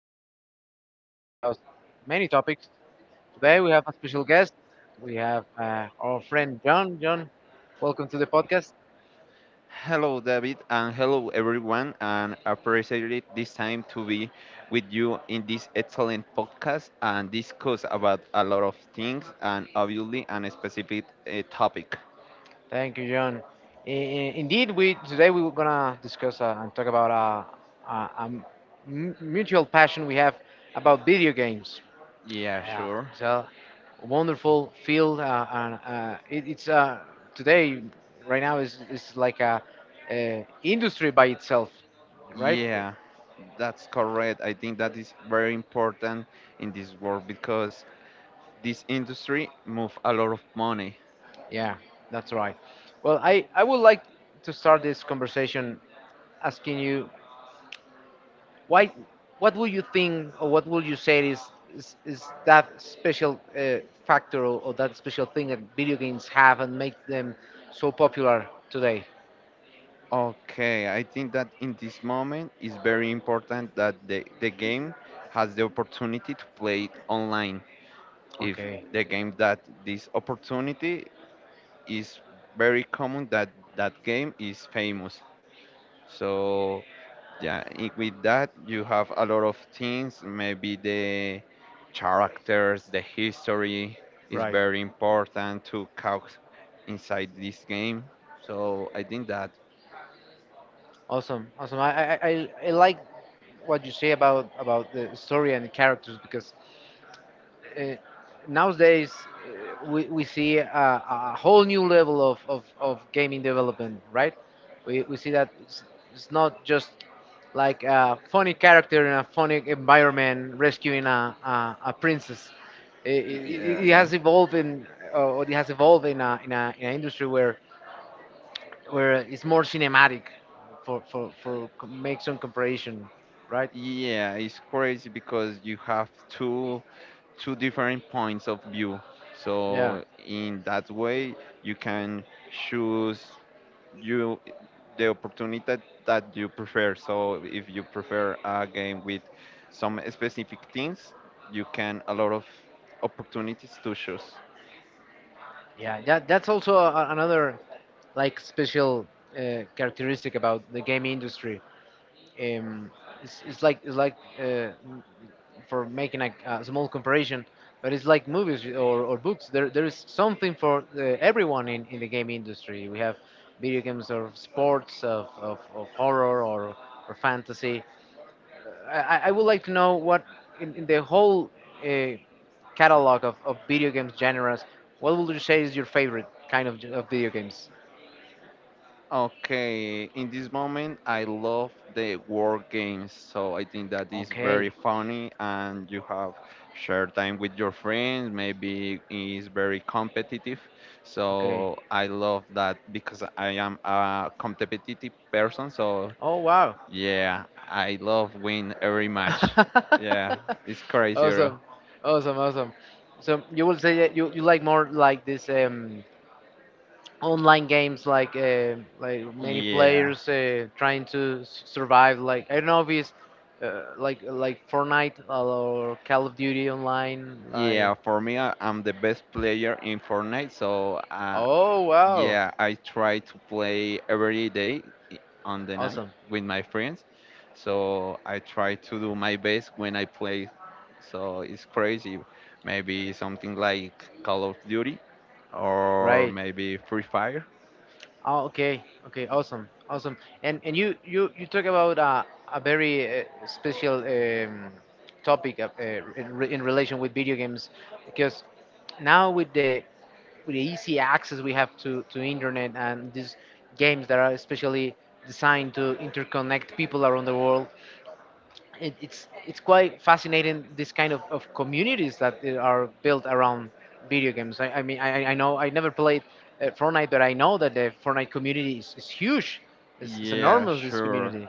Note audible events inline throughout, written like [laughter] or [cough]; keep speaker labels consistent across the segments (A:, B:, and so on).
A: this your podcast about many topics. Today we have a special guest. We have our friend John. John, welcome to the podcast.
B: Hello, David, and hello, everyone. And appreciate it this time to be with you in this excellent podcast and discuss about a lot of things and obviously on a specific topic.
A: Thank you, John. I- Indeed, we today we we're gonna discuss and talk about mutual passion we have about video games.
B: Yeah,
A: Yeah,
B: sure.
A: so wonderful field, and it's today right now is like a, industry by itself, right? Yeah.
B: Yeah, that's correct. I think that is very important in this world because this industry move a lot of money.
A: Yeah, that's right. Well, I would like to start this conversation asking you why, what would you think or what would you say is that special factor or that special thing that video games have and make them so popular today?
B: Okay, I think that in this moment it's very important that the game has the opportunity to play it online if
A: Okay.
B: the game that this opportunity is very common that that game is famous, so with that you have a lot of things, maybe the characters, the history is
A: Right.
B: very important to count inside this game, so I think that
A: Awesome. Awesome. I like what you say about the story and the characters because uh, nowadays, we see a whole new level of gaming development, right? We see that it's not just like a funny character in a funny environment rescuing a princess.
B: yeah,
A: It
B: yeah.
A: has evolved or it has evolved in in an industry where it's more cinematic for make some comparison, right?
B: Yeah, it's crazy because you have two different points of view.
A: Yeah.
B: So in that way, you can choose you the opportunity that, that you prefer. So if you prefer a game with some specific things, you can a lot of opportunities to choose.
A: Yeah, that that's also another like special characteristic about the game industry. Um, it's like it's like for making a small comparison, but it's like movies or books. There is something for everyone in the game industry. We have video games of sports, of horror or fantasy. I would like to know what in the whole uh, catalog of video games genres, what would you say is your favorite kind of video games?
B: Okay, in this moment, I love the war games, so I think that is very
A: Okay,
B: funny, and you have shared time with your friends. Maybe is very competitive,
A: okay.
B: so I love that because I am a competitive person. So
A: Oh wow.
B: yeah, I love win every match. Yeah, it's
A: [laughs]
B: crazy, bro.
A: awesome, awesome, awesome. So you will say that you like more like this online games like many
B: Yeah.
A: players trying to survive like I don't know if it's like Fortnite or Call of Duty online like.
B: Yeah, for me, I'm the best player in Fortnite, so
A: Oh wow.
B: yeah, I try to play every day i- on the night
A: Awesome.
B: with my friends. So I try to do my best when I play. So it's crazy. Maybe something like Call of Duty or
A: Right.
B: maybe Free Fire.
A: Oh, okay, okay, awesome, awesome. And you talk about a very special topic in relation with video games because now with the easy access we have to internet and these games that are especially designed to interconnect people around the world, it's quite fascinating this kind of communities that they are built around video games. I mean, I know I never played Fortnite, but I know that the Fortnite community is huge. It's
B: Yeah,
A: enormous. This
B: sure.
A: community.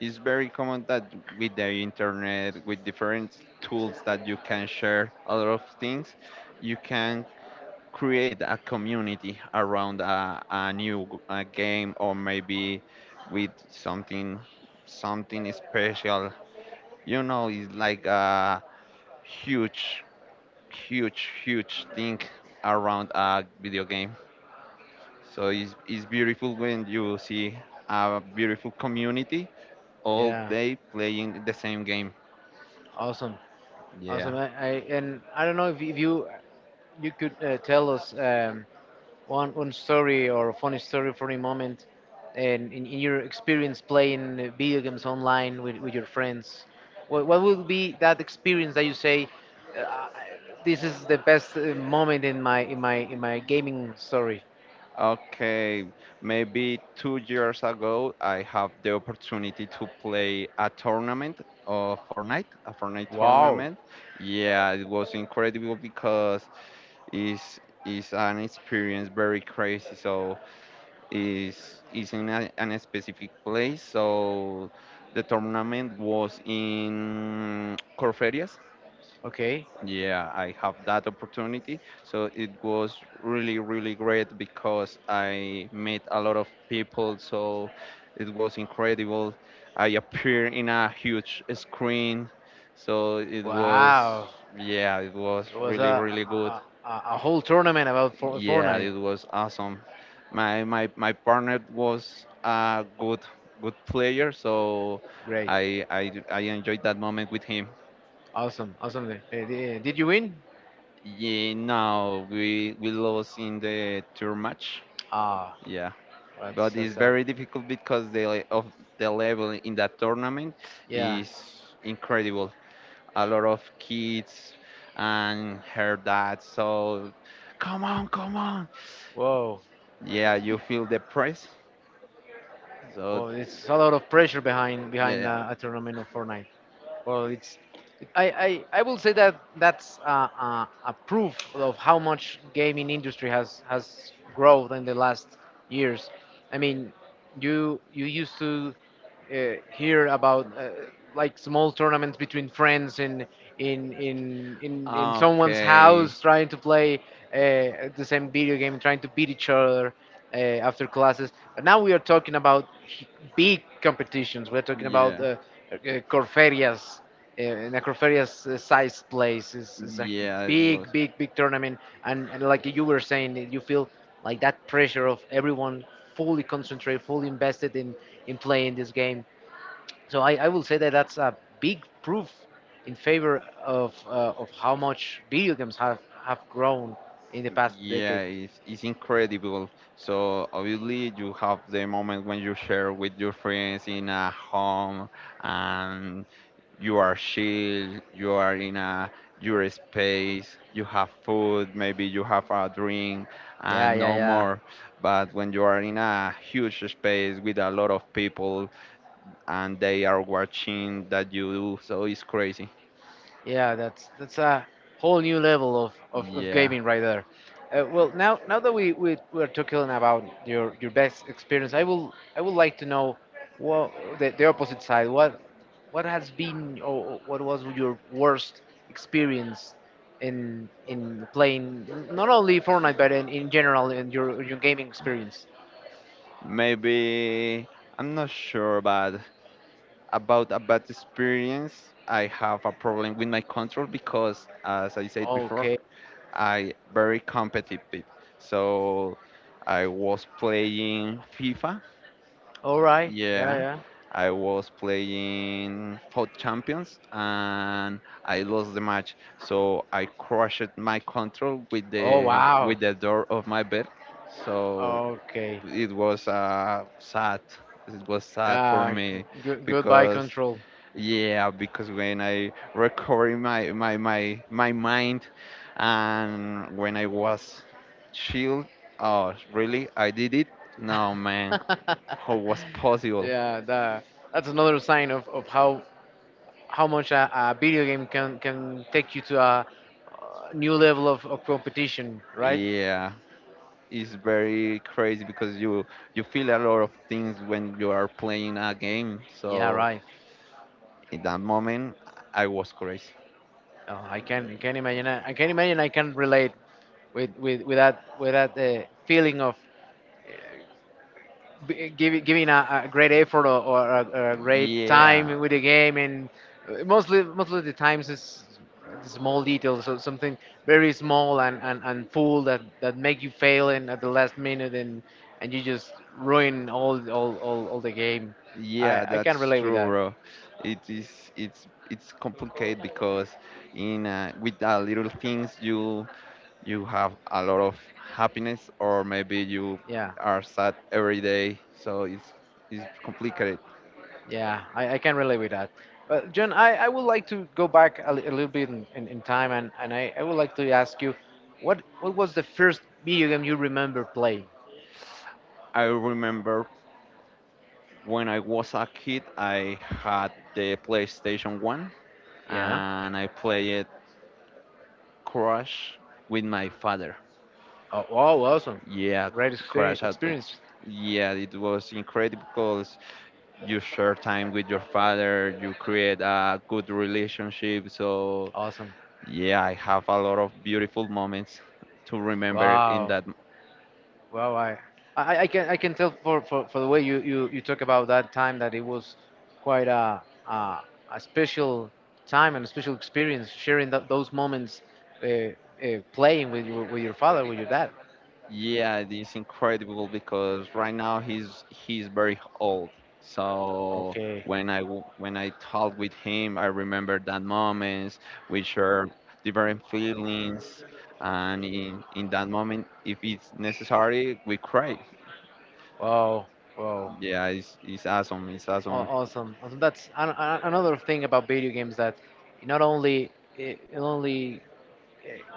B: It's very common that with the internet, with different tools that you can share a lot of things, you can create a community around a new a game or maybe with something something special, you know it's like a huge huge thing around a video game, so it's beautiful when you see a beautiful community all
A: Yeah.
B: day playing the same game,
A: Awesome. Awesome.
B: yeah.
A: I and I don't know if you you could tell us one story or a funny story for a moment, and in your experience playing video games online with your friends, what would be that experience that you say, uh, this is the best moment in my gaming story?
B: Okay, maybe 2 years ago, I have the opportunity to play a tournament of Fortnite, a Fortnite
A: Wow.
B: tournament. Yeah, it was incredible because it's it's an experience very crazy. So it's in an specific place. So the tournament was in Corferias.
A: Okay,
B: Yeah, I have that opportunity. So it was really, really great because I met a lot of people. So it was incredible. I appeared in a huge screen. So it
A: wow,
B: was, yeah, it was
A: it was a
B: really, really
A: a,
B: good.
A: a, a a whole tournament about
B: Yeah,
A: Fortnite.
B: it was awesome. My partner was a good player, so
A: Great,
B: I enjoyed that moment with him.
A: awesome, awesome. Did you win?
B: Yeah, no, we lost in the tour match.
A: Ah.
B: Yeah, but it's
A: That's
B: very difficult because the le- of the level in that tournament
A: yeah.
B: is incredible. A lot of kids and her dad. So, come on, come on.
A: Whoa,
B: Yeah, you feel the press. So,
A: well, it's a lot of pressure behind behind
B: yeah.
A: a tournament of Fortnite. Well, it's I I will say that that's a proof of how much gaming industry has grown in the last years. I mean, you used to uh, hear about like small tournaments between friends in someone's
B: Okay.
A: house trying to play the same video game trying to beat each other after classes, but now we are talking about big competitions, we're talking about
B: Yeah.
A: uh, corferias, uh, Necropheria's size plays is a
B: Yeah, it
A: big,
B: was.
A: big, big tournament. And like you were saying, you feel like that pressure of everyone fully concentrated, fully invested in playing this game. So I will say that that's a big proof in favor of how much video games have grown in the past
B: Yeah,
A: decade.
B: it's incredible. So obviously you have the moment when you share with your friends in a home, and you are chill, you are in a your space, you have food, maybe you have a drink
A: Yeah,
B: and
A: yeah,
B: no
A: yeah.
B: more. But when you are in a huge space with a lot of people and they are watching that you do, so it's crazy,
A: Yeah, that's a whole new level of
B: yeah.
A: gaming right there. Well, now now that we we're talking about your best experience, I would like to know what the opposite side. What has been or what was your worst experience in playing not only Fortnite but in general in your gaming experience?
B: Maybe I'm not sure, but about a bad experience, I have a problem with my control because, as I said before,
A: Okay.
B: I very competitive, so I was playing FIFA.
A: All right. Yeah.
B: Yeah,
A: Yeah.
B: I was playing for Champions, and I lost the match. So I crushed my control with
A: Oh
B: the
A: wow.
B: door of my bed. So
A: Okay.
B: it was sad. It was sad for
A: Uh,
B: me
A: Goodbye
B: because,
A: control.
B: yeah, because when I recovered my mind and when I was chill, oh really? I did it? No man,
A: [laughs]
B: how was possible?
A: yeah, that that's another sign of how much a video game can take you to a new level of competition, right?
B: Yeah, it's very crazy because you feel a lot of things when you are playing a game.
A: Yeah,
B: So
A: right.
B: in that moment, I was crazy.
A: Oh, I can imagine I can imagine I can relate with that feeling of giving a great effort or a great
B: Yeah,
A: time with the game, and mostly the times is small details, so something very small and full that, that make you fail in at the last minute, and you just ruin all the game.
B: yeah,
A: I can
B: that's
A: relate with
B: true,
A: that.
B: bro. It is, it's complicated because in with the little things you you have a lot of happiness, or maybe you
A: Yeah,
B: are sad every day. So it's complicated.
A: yeah, I can relate with that. But John, I would like to go back a little bit in time, and I would like to ask you, what was the first video game you remember playing?
B: I remember when I was a kid, I had the PlayStation 1
A: Yeah.
B: and I played Crash with my father.
A: Oh, wow, awesome.
B: Yeah, Crash had been.
A: Experience.
B: Yeah, it was incredible because you share time with your father, you create a good relationship. So,
A: Awesome.
B: yeah, I have a lot of beautiful moments to remember in
A: Wow.
B: that.
A: Wow. Wow. I can I can tell for the way you talk about that time that it was quite a, a special time and a special experience sharing those moments uh, uh, playing with your father, with your dad.
B: Yeah, it is incredible because right now he's very old. So
A: Okay.
B: when I when I talk with him, I remember that moments, which are different feelings, and in that moment, if it's necessary, we cry.
A: Wow. Wow.
B: Yeah, it's awesome. It's awesome.
A: Awesome. Awesome. That's another thing about video games that it not only it only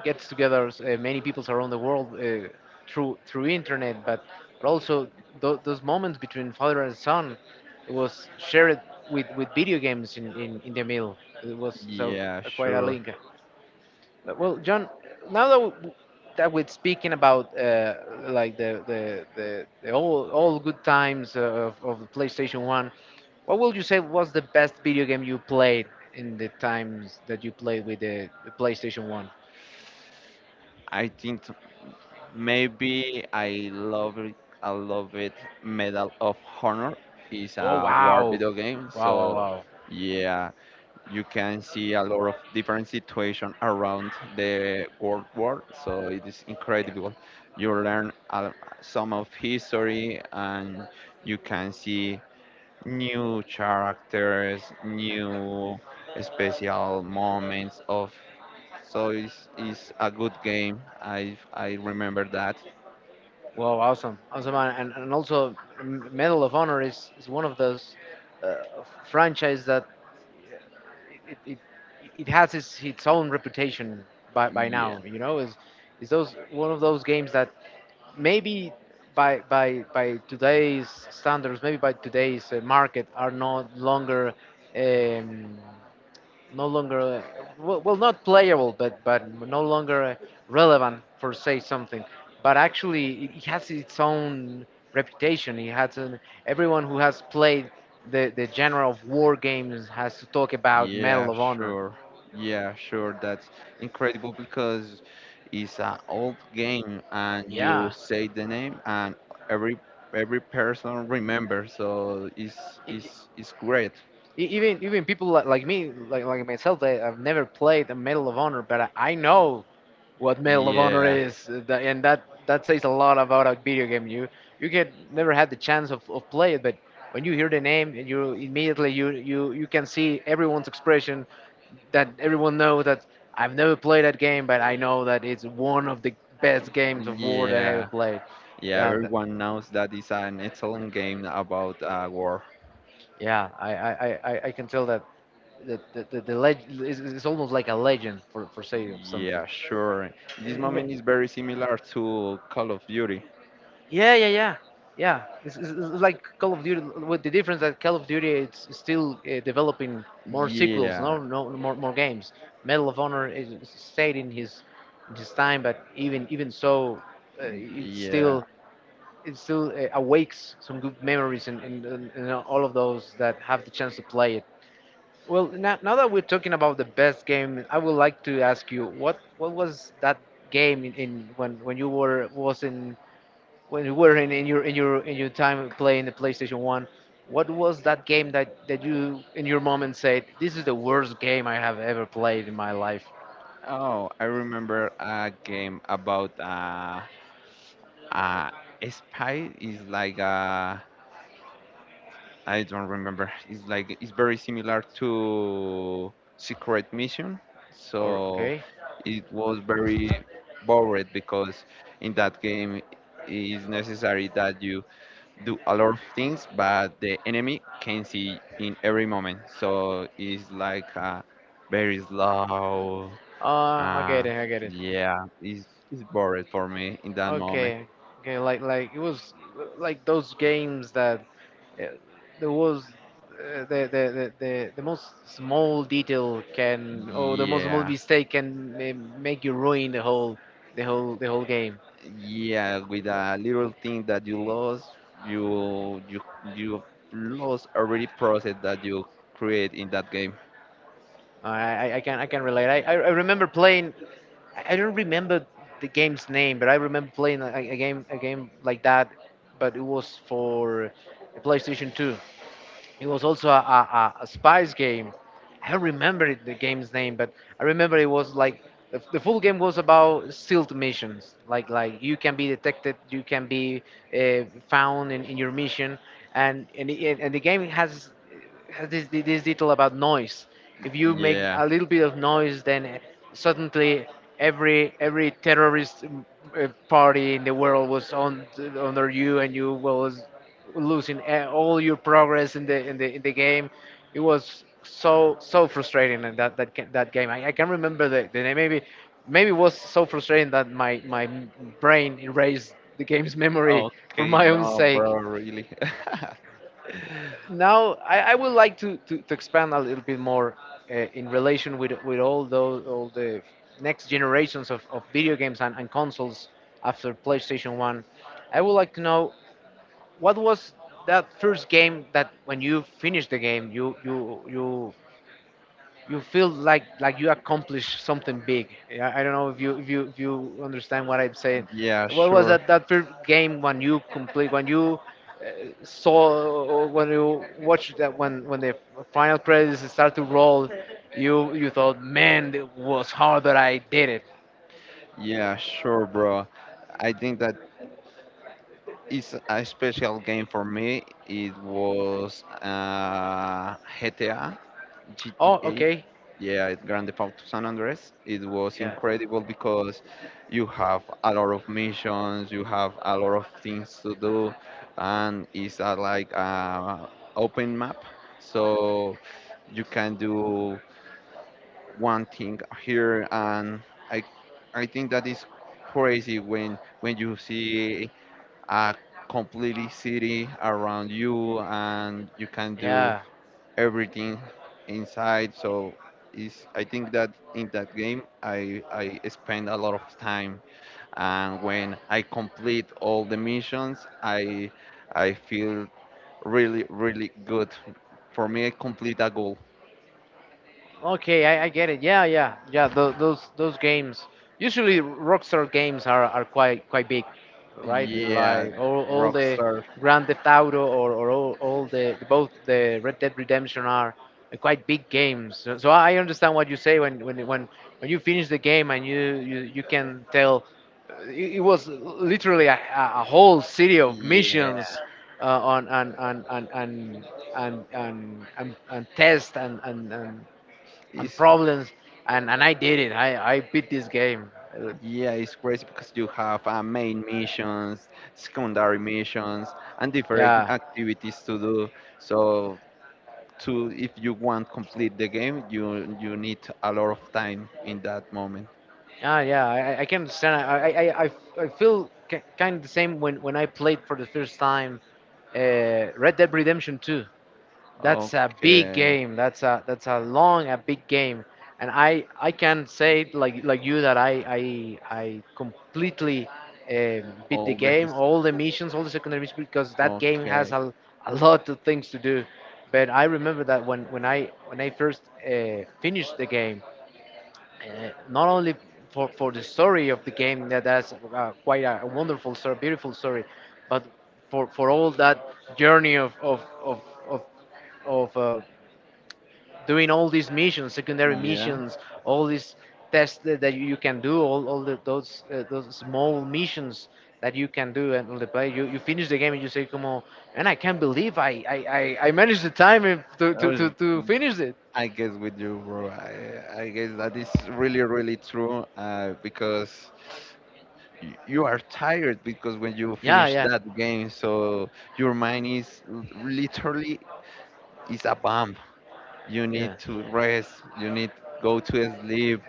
A: gets together many peoples around the world through through internet, but also those moments between father and son was shared with video games in the middle. It was so
B: Yeah,
A: quite a
B: sure.
A: link. But, well, John, now that, that we're speaking about like the all good times of the PlayStation 1, what would you say was the best video game you played in the times that you played with the PlayStation 1?
B: I think t- maybe I love it. I love it. Medal of Honor is
A: Oh
B: a war
A: wow,
B: video game,
A: wow, wow,
B: so
A: wow.
B: yeah, you can see a lot of different situations around the world war, so it is
A: Yeah.
B: incredible. You some of history and you can see new characters, new special moments of, so it's a good game. I remember that.
A: Well, awesome, awesome, and also Medal of Honor is one of those uh, franchise that yeah, it, it has its own reputation by
B: Yeah.
A: now. You know, is those one of those games that maybe by today's standards, maybe by today's market, are no longer um, no longer well, well not playable but no longer relevant for say something, but actually it has its own reputation, it has an, everyone who has played the genre of war games has to talk about
B: Yeah,
A: Medal of Honor.
B: sure. Yeah, sure. That's incredible because it's an old game, and you
A: Yeah.
B: say the name and every every person remembers. So
A: E-
B: it's great.
A: Even even people like me like myself, I've never played a Medal of Honor, but I know what Medal of Honor
B: Yeah,
A: is, and that that says a lot about a video game. You get never had the chance of play it, but when you hear the name, and you immediately you can see everyone's expression that everyone knows that I've never played that game, but I know that it's one of the best games of war that I ever
B: yeah,
A: played.
B: yeah.
A: Yeah, th-
B: Everyone knows that it's an excellent game about war.
A: yeah, I I can tell that. The the leg is almost like a legend for say of something.
B: Yeah, sure. This
A: And
B: moment is very similar to Call of Duty.
A: yeah, yeah, yeah, yeah. It's like Call of Duty with the difference that Call of Duty it's still developing more sequels,
B: Yeah,
A: no, no more, more games. Medal of Honor is stayed in his time, but even even so, uh, it
B: yeah.
A: still it still awakes some good memories and all of those that have the chance to play it. Well, now, now that we're talking about the best game, I would like to ask you what was that game in when you were was in when you were in your in your time playing the PlayStation One, what was that game that that you in your moment said this is the worst game I have ever played in my life?
B: Oh, I remember a game about uh, a spy, is like I don't remember. It's like it's very similar to Secret Mission,
A: Or
B: so
A: okay,
B: it was very bored because in that game it is necessary that you do a lot of things, but the enemy can see in every moment. So it's like a very slow
A: uh, I get
B: uh,
A: it, I get it.
B: yeah, it's boring for me in that moment.
A: Okay, okay, like it was like those games that uh, there was. The most small detail can or the most small
B: Yeah,
A: mistake can uh, make you ruin the whole game.
B: yeah, with a little thing that you lost, you you you lost already process that you create in that game.
A: I can relate. I remember playing. I don't remember the game's name, but I remember playing a game like that, but it was for PlayStation Two. It was also a spice game. I don't remember it, the game's name, but I remember it was like the full game was about sealed missions. Like you can be detected, you can be found in your mission, and the game has this detail about noise. If you make
B: Yeah.
A: a little bit of noise, then suddenly every terrorist party in the world was on under you, and you was losing all your progress in the game. It was so frustrating in that game. I can remember the name. Maybe it was so frustrating that my brain erased the game's [laughs] memory for
B: Okay,
A: my own
B: no,
A: sake.
B: bro, really. [laughs]
A: Now I would like to expand a little bit more in relation with all the next generations of video games and consoles after PlayStation One. I would like to know what was that first game that when you finished the game, you feel like you accomplished something big? Yeah, I don't know if you understand what I'm saying.
B: Yeah,
A: What was
B: sure.
A: that first game when you complete when you watched that when the final credits start to roll, you thought, man, it was hard that I did it.
B: Yeah, sure, bro. I think that it's a special game for me. It was GTA,
A: Oh,
B: GTA.
A: okay,
B: Yeah, it's Grand Theft Auto San Andres. It was
A: yeah,
B: incredible because you have a lot of missions, you have a lot of things to do, and it's like a open map, so you can do one thing here. And I, I think that is crazy when you see a completely city around you and you can do
A: yeah.
B: everything inside, so is I think that in that game I spend a lot of time, and when I complete all the missions, I feel really, really good. For me, I complete a goal,
A: Okay, I get it. Yeah, yeah, yeah. Those games. Usually, Rockstar games are quite big, right?
B: yeah.
A: Like all the
B: Rockstar,
A: Grand Theft Auto or all the both the Red Dead Redemption are quite big games. So I understand what you say when you finish the game and you can tell it was literally a whole city of
B: yeah,
A: missions on and test and
B: it's.
A: problems and I did it. I beat this game. Uh,
B: Yeah, it's crazy because you have main missions, secondary missions, and different
A: Yeah.
B: activities to do. So, to if you want complete the game, you need a lot of time in that moment.
A: Yeah, yeah, I can understand. I feel ki kind of the same when I played for the first time Red Dead Redemption 2. That's a big
B: Okay,
A: game. That's a long, a big game. And I can say like you that I completely beat the
B: all the
A: game,
B: his.
A: all the missions, all the secondary missions because that game has
B: Okay,
A: a lot of things to do. But I remember that when I first finished the game, not only for the story of the game that's quite a wonderful story, beautiful story, but for all that journey of, of doing all these missions, secondary
B: yeah.
A: missions, all these tests that you can do, all those small missions that you can do and on the play, you finish the game and you say, "Come on, and I can't believe I managed the time
B: I was-
A: to finish it."
B: I guess with you, bro. I guess that is really, really true. Because you are tired because when you
A: Yeah,
B: finish
A: yeah,
B: that game so your mind is literally is a bomb. You need
A: yeah,
B: to rest, you need go to sleep,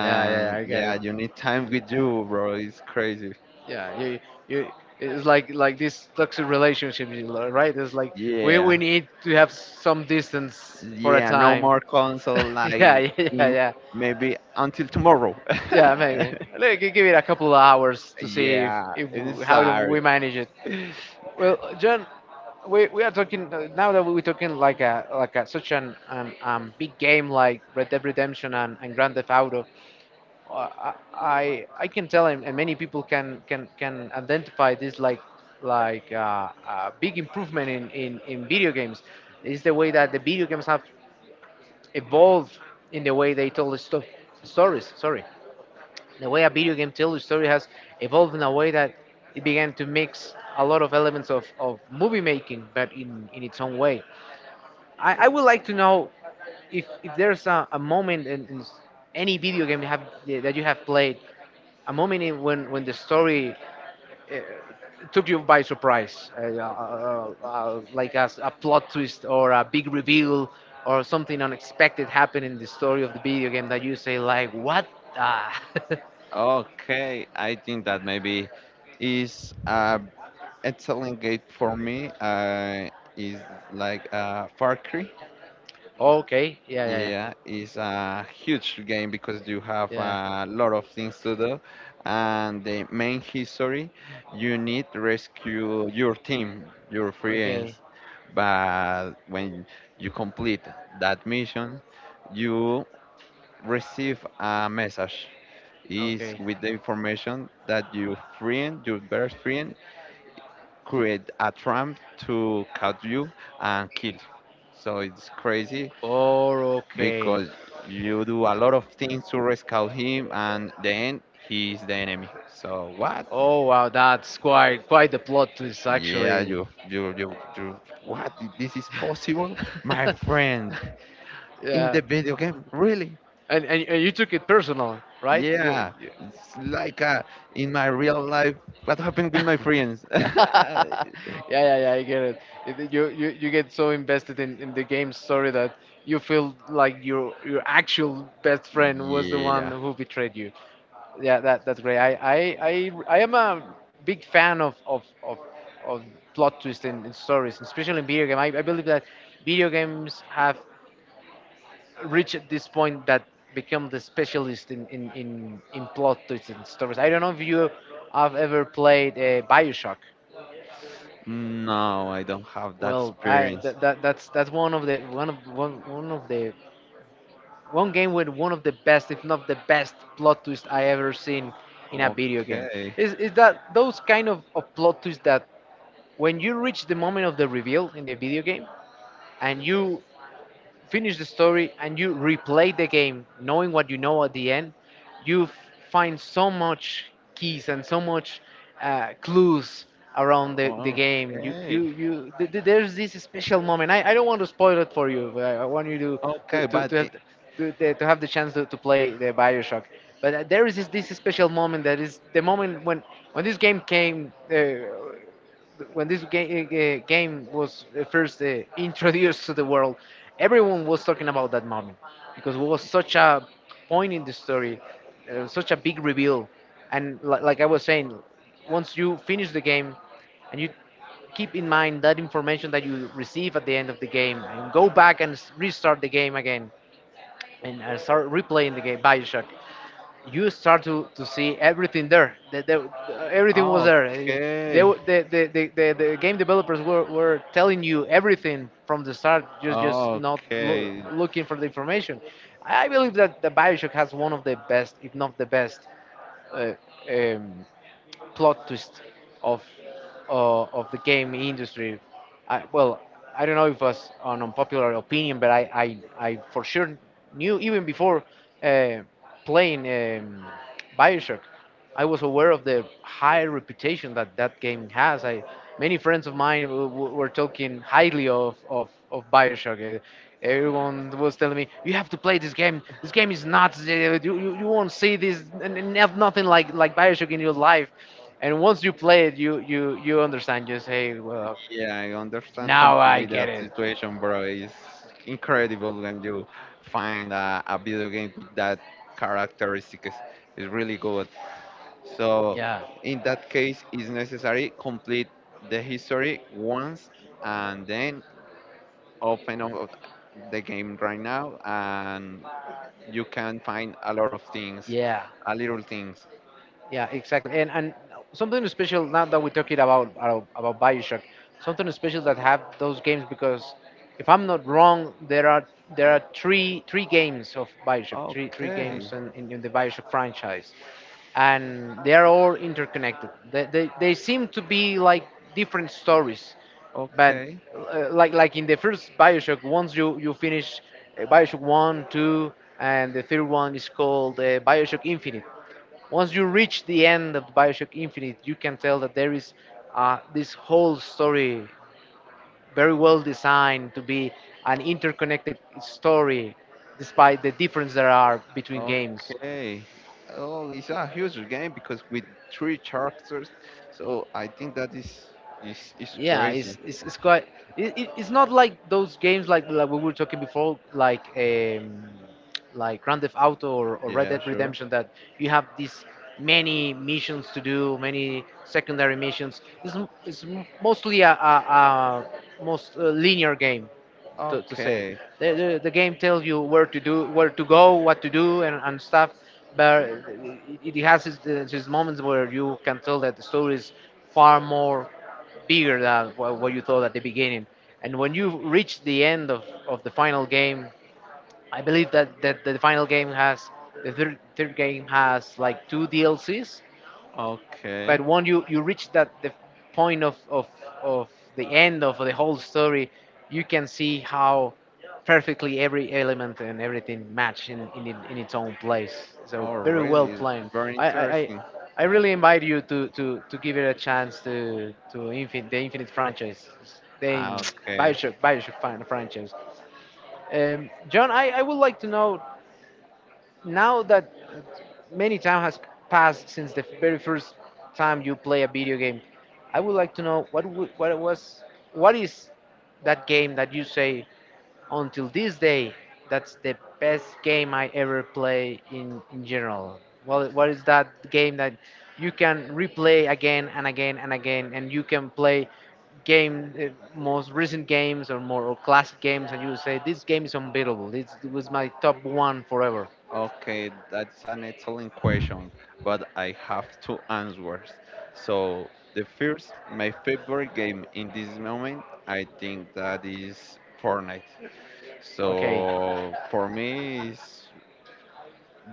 A: yeah, yeah.
B: and
A: I get
B: yeah,
A: it.
B: you need time with you, bro. It's crazy,
A: Yeah, you it's like this toxic relationship, right, it's like we
B: yeah,
A: need to have some distance for a
B: yeah. No
A: time.
B: more console
A: [laughs] Yeah, yeah,
B: like
A: yeah,
B: in
A: yeah,
B: maybe until tomorrow. [laughs]
A: yeah. Maybe, like, give it a couple of hours to see
B: Yeah,
A: if
B: I'm
A: how do we
B: sorry.
A: manage it. Well, John, we are talking now that we're talking such an big game like Red Dead Redemption and Grand Theft Auto. I can tell, and many people can identify this like a big improvement in video games is the way that the video games have evolved in the way they tell the stories. Sorry, the way a video game tells the story has evolved in a way that it began to mix a lot of elements of movie making, but in its own way. I would like to know if there's a moment in any video game you have played a moment in when the story took you by surprise, like, as a plot twist or a big reveal or something unexpected happened in the story of the video game that you say like, what? Ah. [laughs]
B: [laughs] Okay, I think that maybe is a excellent game for me. Is like Far Cry.
A: Okay, yeah, yeah,
B: Yeah, it's a huge game because you have
A: yeah. Yeah.
B: a lot of things to do, and the main history you need to rescue your team, your
A: Okay,
B: friends. But when you complete that mission, you receive a message. Is
A: okay.
B: with the information that your friend, your best friend, create a tram to catch you and kill. So it's crazy
A: Oh, okay.
B: because you do a lot of things to rescue him, and then he is the enemy. So what?
A: Oh, wow, that's quite the plot twist
B: Yeah,
A: actually.
B: you. What? This is possible, my friend?
A: [laughs]
B: In
A: Yeah.
B: the video game, really?
A: And you took it personal, right?
B: Yeah,
A: You...
B: it's like in my real life. What
A: [laughs]
B: happened with my friends? [laughs]
A: yeah, yeah, yeah. I get it. You get so invested in the game story that you feel like your actual best friend was the one
B: Yeah.
A: who betrayed you. Yeah, that's great. I am a big fan of plot twists in stories, especially in video game. I believe that video games have reach at this point that become the specialist in plot twists and stories. I don't know if you have ever played Bioshock.
B: No, I don't have that
A: Well, I
B: experience.
A: that, that that's one of the one game with one of the best, if not the best, plot twist I ever seen in a video game.
B: Okay.
A: Is that those kind of plot twists that when you reach the moment of the reveal in the video game and you finish the story and you replay the game knowing what you know at the end you find so much keys and so much clues around the game,
B: Okay.
A: there's this special moment. I don't want to spoil it for you, but I want you
B: Okay, but
A: to have
B: i-
A: to have the chance to play the Bioshock. But there is this special moment that is the moment when this game came when this game was first introduced to the world. Everyone was talking about that moment because it was such a point in the story, such a big reveal, and like I was saying, once you finish the game and you keep in mind that information that you receive at the end of the game and go back and restart the game again and start replaying the game Bioshock. You start to see everything there. Everything was there. They,
B: okay.
A: w- the game developers were telling you everything from the start, just not
B: Okay.
A: looking for the information. I believe that the Bioshock has one of the best, if not the best, uh, um, plot twist of of the game industry. Well, I don't know if it was an unpopular opinion, but I for sure knew even before uh, playing Bioshock. I was aware of the high reputation that that game has. I, many friends of mine were talking highly of Bioshock. Everyone was telling me, "You have to play this game. This game is nuts. You won't see this and have nothing like Bioshock in your life." And once you play it, you understand. You say, "Well,
B: Yeah, I understand
A: now I
B: completely
A: get
B: that
A: it."
B: situation, bro. It's incredible when you find a video game with that characteristics. It's really good. So
A: Yeah.
B: in that case, it's necessary complete the history once, and then open up the game right now, and you can find a lot of things,
A: Yeah.
B: a little things.
A: Yeah, exactly. And something special now that we're talking about Bioshock, something special that have those games because if I'm not wrong, there are three games of Bioshock, three
B: Okay,
A: games in the Bioshock franchise, and they are all interconnected. They seem to be like different stories, but
B: okay,
A: like in the first Bioshock, once you finish Bioshock one, two, and the third one is called Bioshock Infinite. Once you reach the end of Bioshock Infinite, you can tell that there is this whole story very well designed to be an interconnected story, despite the difference there are between games.
B: okay. Oh, it's a huge game because with three characters, so I think that is
A: Yeah,
B: crazy.
A: it's quite it, it, it's not like those games like we were talking before, like Grand Theft Auto or Red
B: Yeah,
A: Dead
B: sure.
A: Redemption, that you have these many missions to do, many secondary missions. Mostly a most linear game to say.
B: Okay,
A: The game tells you where to do, where to go, what to do, and stuff. But it has its moments where you can tell that the story is far more bigger than what you thought at the beginning. And when you reach the end of the final game, I believe that the final game has the third game has like two DLCs but
B: okay.
A: when you reach that the point of of the end of the whole story you can see how perfectly every element and everything match in in its own place, so
B: Oh,
A: very well
B: really?
A: planned.
B: It's very
A: I,
B: interesting.
A: I really invite you to give it a chance to the Infinite franchise, the
B: Ah, okay.
A: Bioshock franchise. John, I would like to know now that many time has passed since the very first time you play a video game, I would like to know what w- what was what is that game that you say until this day that's the best game I ever play in general. Well, what is that game that you can replay again and again and again, and you can play game most recent games or more or classic games, and you say this game is unbeatable. This was my top one forever.
B: Okay, that's an excellent question, but I have two answers. So the first, my favorite game in this moment, I think that is Fortnite.
A: Okay.
B: So for me, it's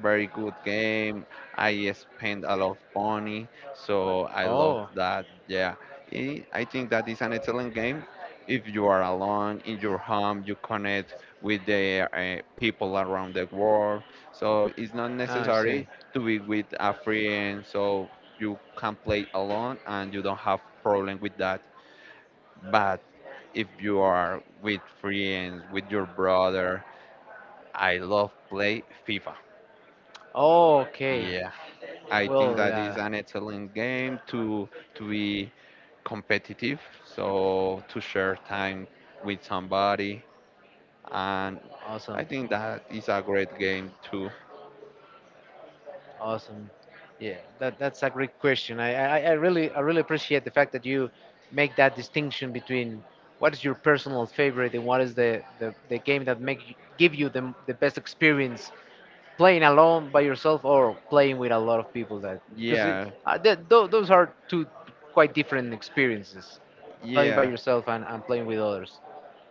B: very good game. I spent a lot of money, so I love
A: Oh.
B: that. Yeah, I think that is an excellent game. If you are alone in your home, you connect with the people around the world. So it's not
A: Ah, I
B: necessary
A: see.
B: to be with a friend. So you can play alone, and you don't have problem with that. But if you are with friends, with your brother, I love play FIFA.
A: Oh, okay.
B: Yeah. I think
A: Well,
B: that is
A: yeah.
B: an excellent game to be competitive, so to share time with somebody, and
A: Awesome.
B: I think that is a great game too.
A: Awesome. Yeah, that's a great question. I really appreciate the fact that you make that distinction between what is your personal favorite and what is the game that give you the best experience playing alone by yourself or playing with a lot of people, that because it,
B: Yeah,
A: those are two quite different experiences playing by
B: yeah.
A: yourself and playing with others.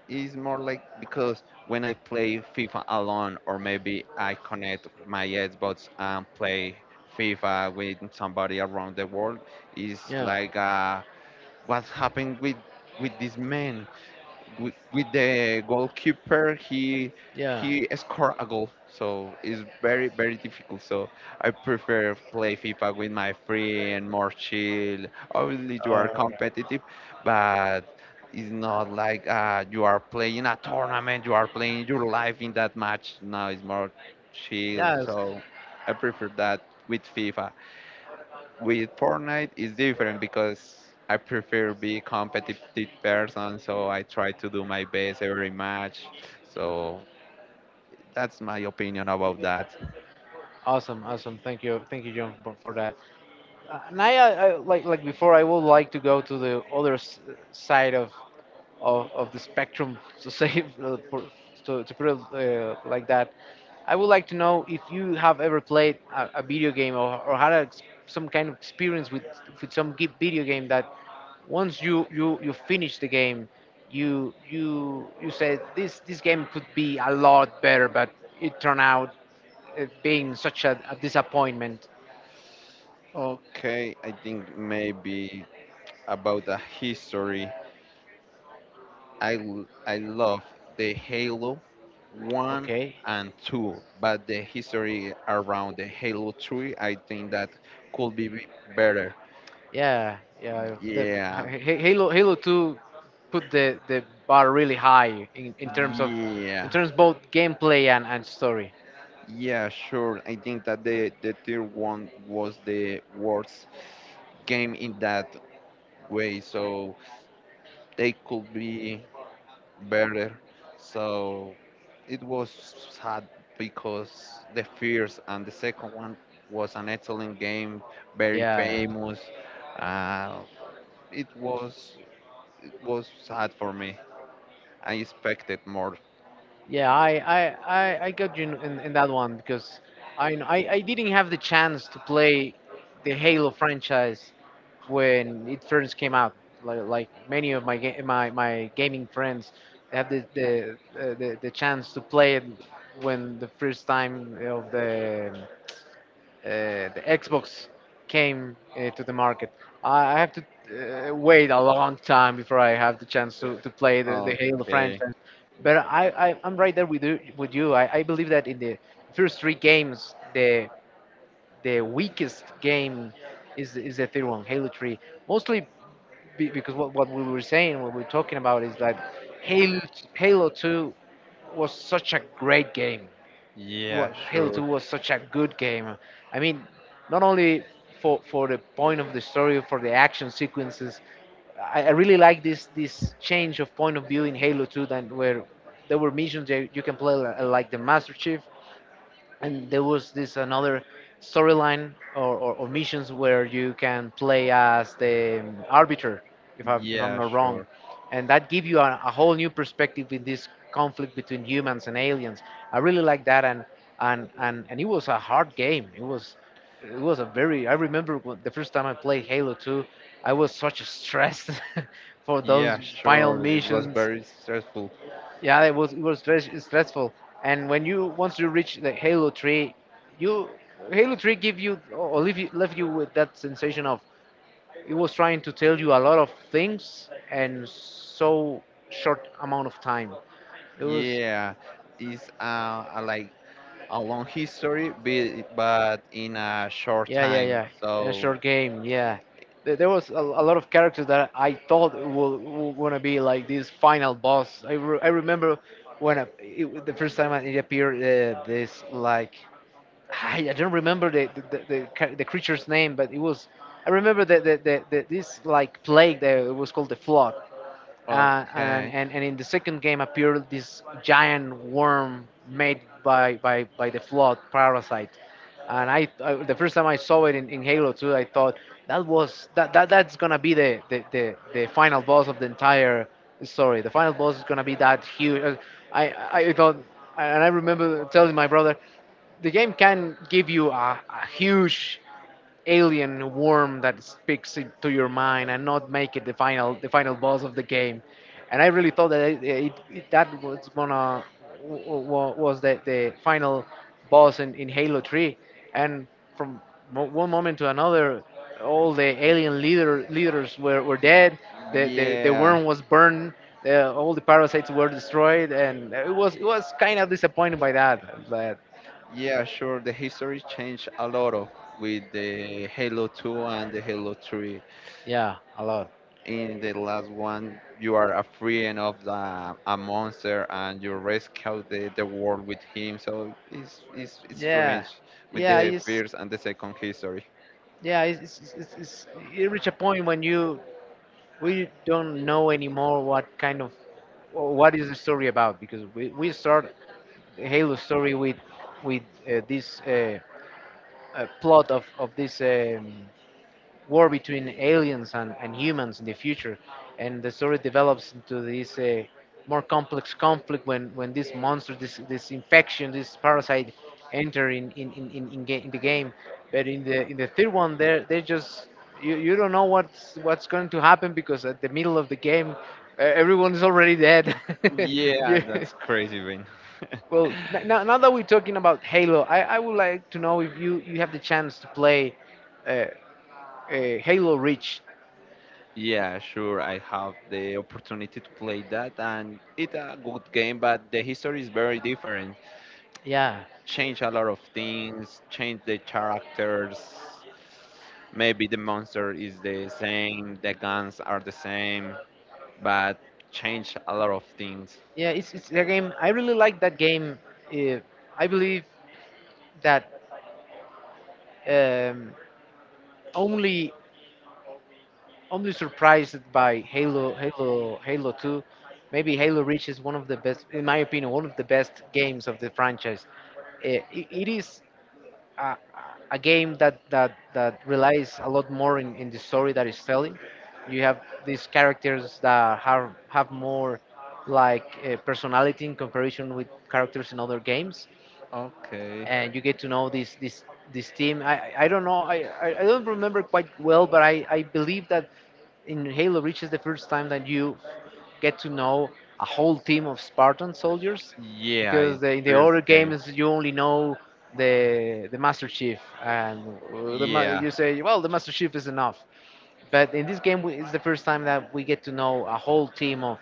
B: It's more like because when I play FIFA alone, or maybe I connect my Xbox and play FIFA with somebody around the world, is
A: Yeah,
B: like, what's happened with this man? With the goalkeeper,
A: yeah.
B: he scored a goal, so it's very difficult. So I prefer play FIFA with my friend, more chill. Obviously, you
A: uh,
B: are competitive, but it's not like you are playing a tournament, you are playing your life in that match. Now it's more chill,
A: yes.
B: so I prefer that with FIFA. With Fortnite it's different because I prefer be competitive person, so I try to do my best every match. So that's my opinion about that.
A: Awesome, awesome, thank you, thank you, John, for that. And like before, I would like to go to the other side of the spectrum to say [laughs] to put it like that. I would like to know if you have ever played a video game or had a, some kind of experience with some video game that once you finish the game, you said this game could be a lot better, but it turned out being such a disappointment.
B: Okay, I think maybe about the history. I love the Halo 1
A: Okay.
B: and 2, but the history around the Halo 3, I think that could be be- better.
A: Yeah, yeah. That,
B: Yeah.
A: Halo 2 put the bar really high in terms of in
B: Yeah.
A: terms both gameplay and story. Yeah, he did. And, you.
B: Yeah, sure. I think that the tier one was the worst game in that way, so they could be better. So it was sad because the first and the second one was an excellent game, very famous. Uh, it was it was sad for me. I expected more.
A: Yeah, I got you in that one because I didn't have the chance to play the Halo franchise when it first came out. Like many of my my gaming friends, they had the chance to play it when the first time of the Xbox came to the market. I have to wait a long time before I have the chance to play the Halo
B: Okay.
A: franchise. But I'm right there with you. With you. I believe that in the first three games, the weakest game is the third one, Halo 3. Mostly because what we were saying, what we are talking about is that Halo, Halo 2 was such a great game,
B: Yeah,
A: well, Halo
B: sure.
A: 2 was such a good game. I mean, not only for the point of the story, for the action sequences. I really like this change of point of view in Halo 2, than where there were missions that you can play like the Master Chief, and there was this another storyline or missions where you can play as the arbiter, if I'm
B: Yeah,
A: not wrong,
B: sure.
A: and that give you a whole new perspective in this conflict between humans and aliens. I really like that. And and it was a hard game. It was it was a very The first time I played halo 2 I was such stressed [laughs] for
B: Yeah,
A: those final
B: sure. It was
A: missions.
B: very stressful.
A: Yeah, it was stressful. And when you once you reach the Halo 3, you Halo 3 give you or leave you left you with that sensation of it was trying to tell you a lot of things and so short amount of time. It was.
B: Yeah, it's a, like a long history, but in a short
A: Yeah, yeah,
B: time.
A: yeah, in a
B: So,
A: short game, yeah. There was a lot of characters that I thought will gonna be like this final boss. I, I remember when the first time it appeared this like, I don't remember the creature's name, but it was. I remember that the this like plague that was called the flood, uh, and,
B: okay.
A: and and in the second game appeared this giant worm made by the flood parasite. And I the first time I saw it in Halo 2, I thought that was that, that's gonna be the final boss of the entire story. The final boss is gonna be that huge. I thought, and I remember telling my brother, the game can give you a huge alien worm that speaks it to your mind and not make it the final boss of the game. And I really thought that that was gonna was the final boss in Halo 3. And from one moment to another, all the alien leaders were dead. The, the
B: Yeah,
A: worm was burned. The, all the parasites were destroyed, and it was kind of disappointed by that. But
B: yeah, sure. The history changed a lot of with the Halo 2 and the Halo 3.
A: yeah, a lot.
B: In the last one, you are a friend of the a monster and you rescue the world with him. So it's
A: Yeah,
B: strange with
A: yeah,
B: the
A: it's
B: first and the second history.
A: it's you reach a point when you we don't know anymore what kind of or what is the story about because we start the Halo story with this plot of this war between aliens and humans in the future. And the story develops into this more complex conflict when this monster, this infection, this parasite enter in the game. But in the third one, they're, they just you, you don't know what's going to happen because at the middle of the game, everyone is already dead. [laughs]
B: Yeah,
A: you,
B: that's crazy, man. [laughs]
A: well, now that we're talking about Halo, I would like to know if you, you have the chance to play uh, Halo Reach.
B: Yeah, sure. I have the opportunity to play that, and it's a good game, but the history is very different.
A: Yeah,
B: Change a lot of things, change the characters. Maybe the monster is the same, the guns are the same, but change a lot of things.
A: yeah, it's a game. I really like that game. Uh, I believe that um, only only surprised by Halo Two. Maybe Halo Reach is one of the best, in my opinion, one of the best games of the franchise. It is a, a game that that relies a lot more in the story that it's telling. You have these characters that have more like personality in comparison with characters in other games,
B: Okay.
A: and you get to know this team. I don't know. I don't remember quite well, but I believe that in Halo Reach is the first time that you get to know a whole team of Spartan soldiers,
B: Yeah,
A: because
B: it's
A: the,
B: the
A: in the
B: first
A: other
B: game.
A: games you only know the Master Chief and
B: Yeah,
A: you say, well, the Master Chief is enough, but in this game, we, it's the first time that we get to know a whole team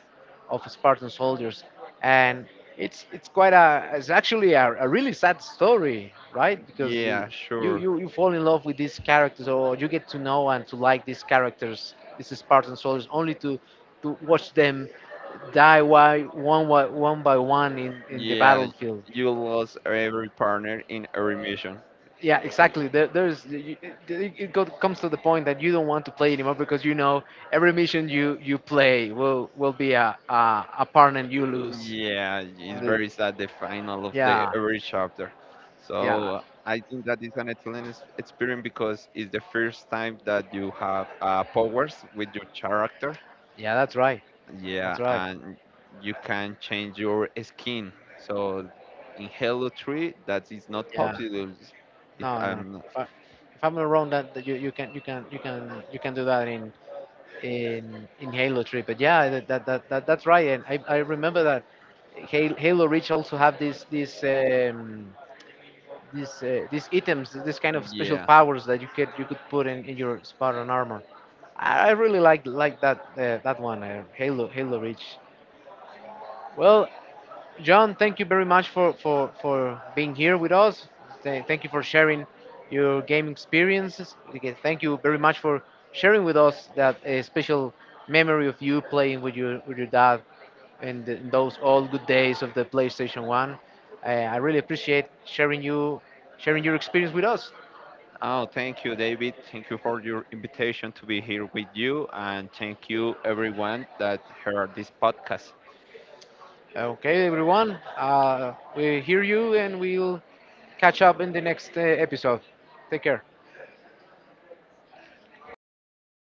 A: of Spartan soldiers, and it's quite a it's actually a really sad story, right? Because
B: yeah,
A: you,
B: sure.
A: you fall in love with these characters, or you get to know and to like these characters, these Spartan soldiers, only to watch them die one by one by one in the
B: Yeah,
A: battlefield.
B: you lost every partner in every mission.
A: Yeah, exactly. There, there's you, comes to the point that you don't want to play anymore because you know every mission you play will be a part and you lose.
B: Yeah, it's
A: The-
B: very sad the final of the
A: yeah,
B: every chapter. So
A: yeah,
B: I think that is an excellent experience because it's the first time that you have powers with your character.
A: yeah. That's right.
B: Yeah,
A: That's right.
B: and you can change your skin. So in Halo 3, that is not
A: Yeah.
B: possible. If
A: No, no.
B: I'm not,
A: If I if I'm not wrong, that, that you, you can do that in in Halo 3. But yeah, that that's right. And I remember that Halo, Halo Reach also have this. These items, this kind of special
B: yeah.
A: powers that you could put in your Spartan armor. I really like that that one, Halo Reach. Well, John, thank you very much for being here with us. Thank you for sharing your game experiences. Again, thank you very much for sharing with us that special memory of you playing with your dad and those old good days of the PlayStation One. I really appreciate sharing you sharing your experience with us.
B: Oh, thank you, David. Thank you for your invitation to be here with you, and thank you everyone that heard this podcast.
A: Okay, everyone, we hear you and we'll catch up in the next episode. Take care.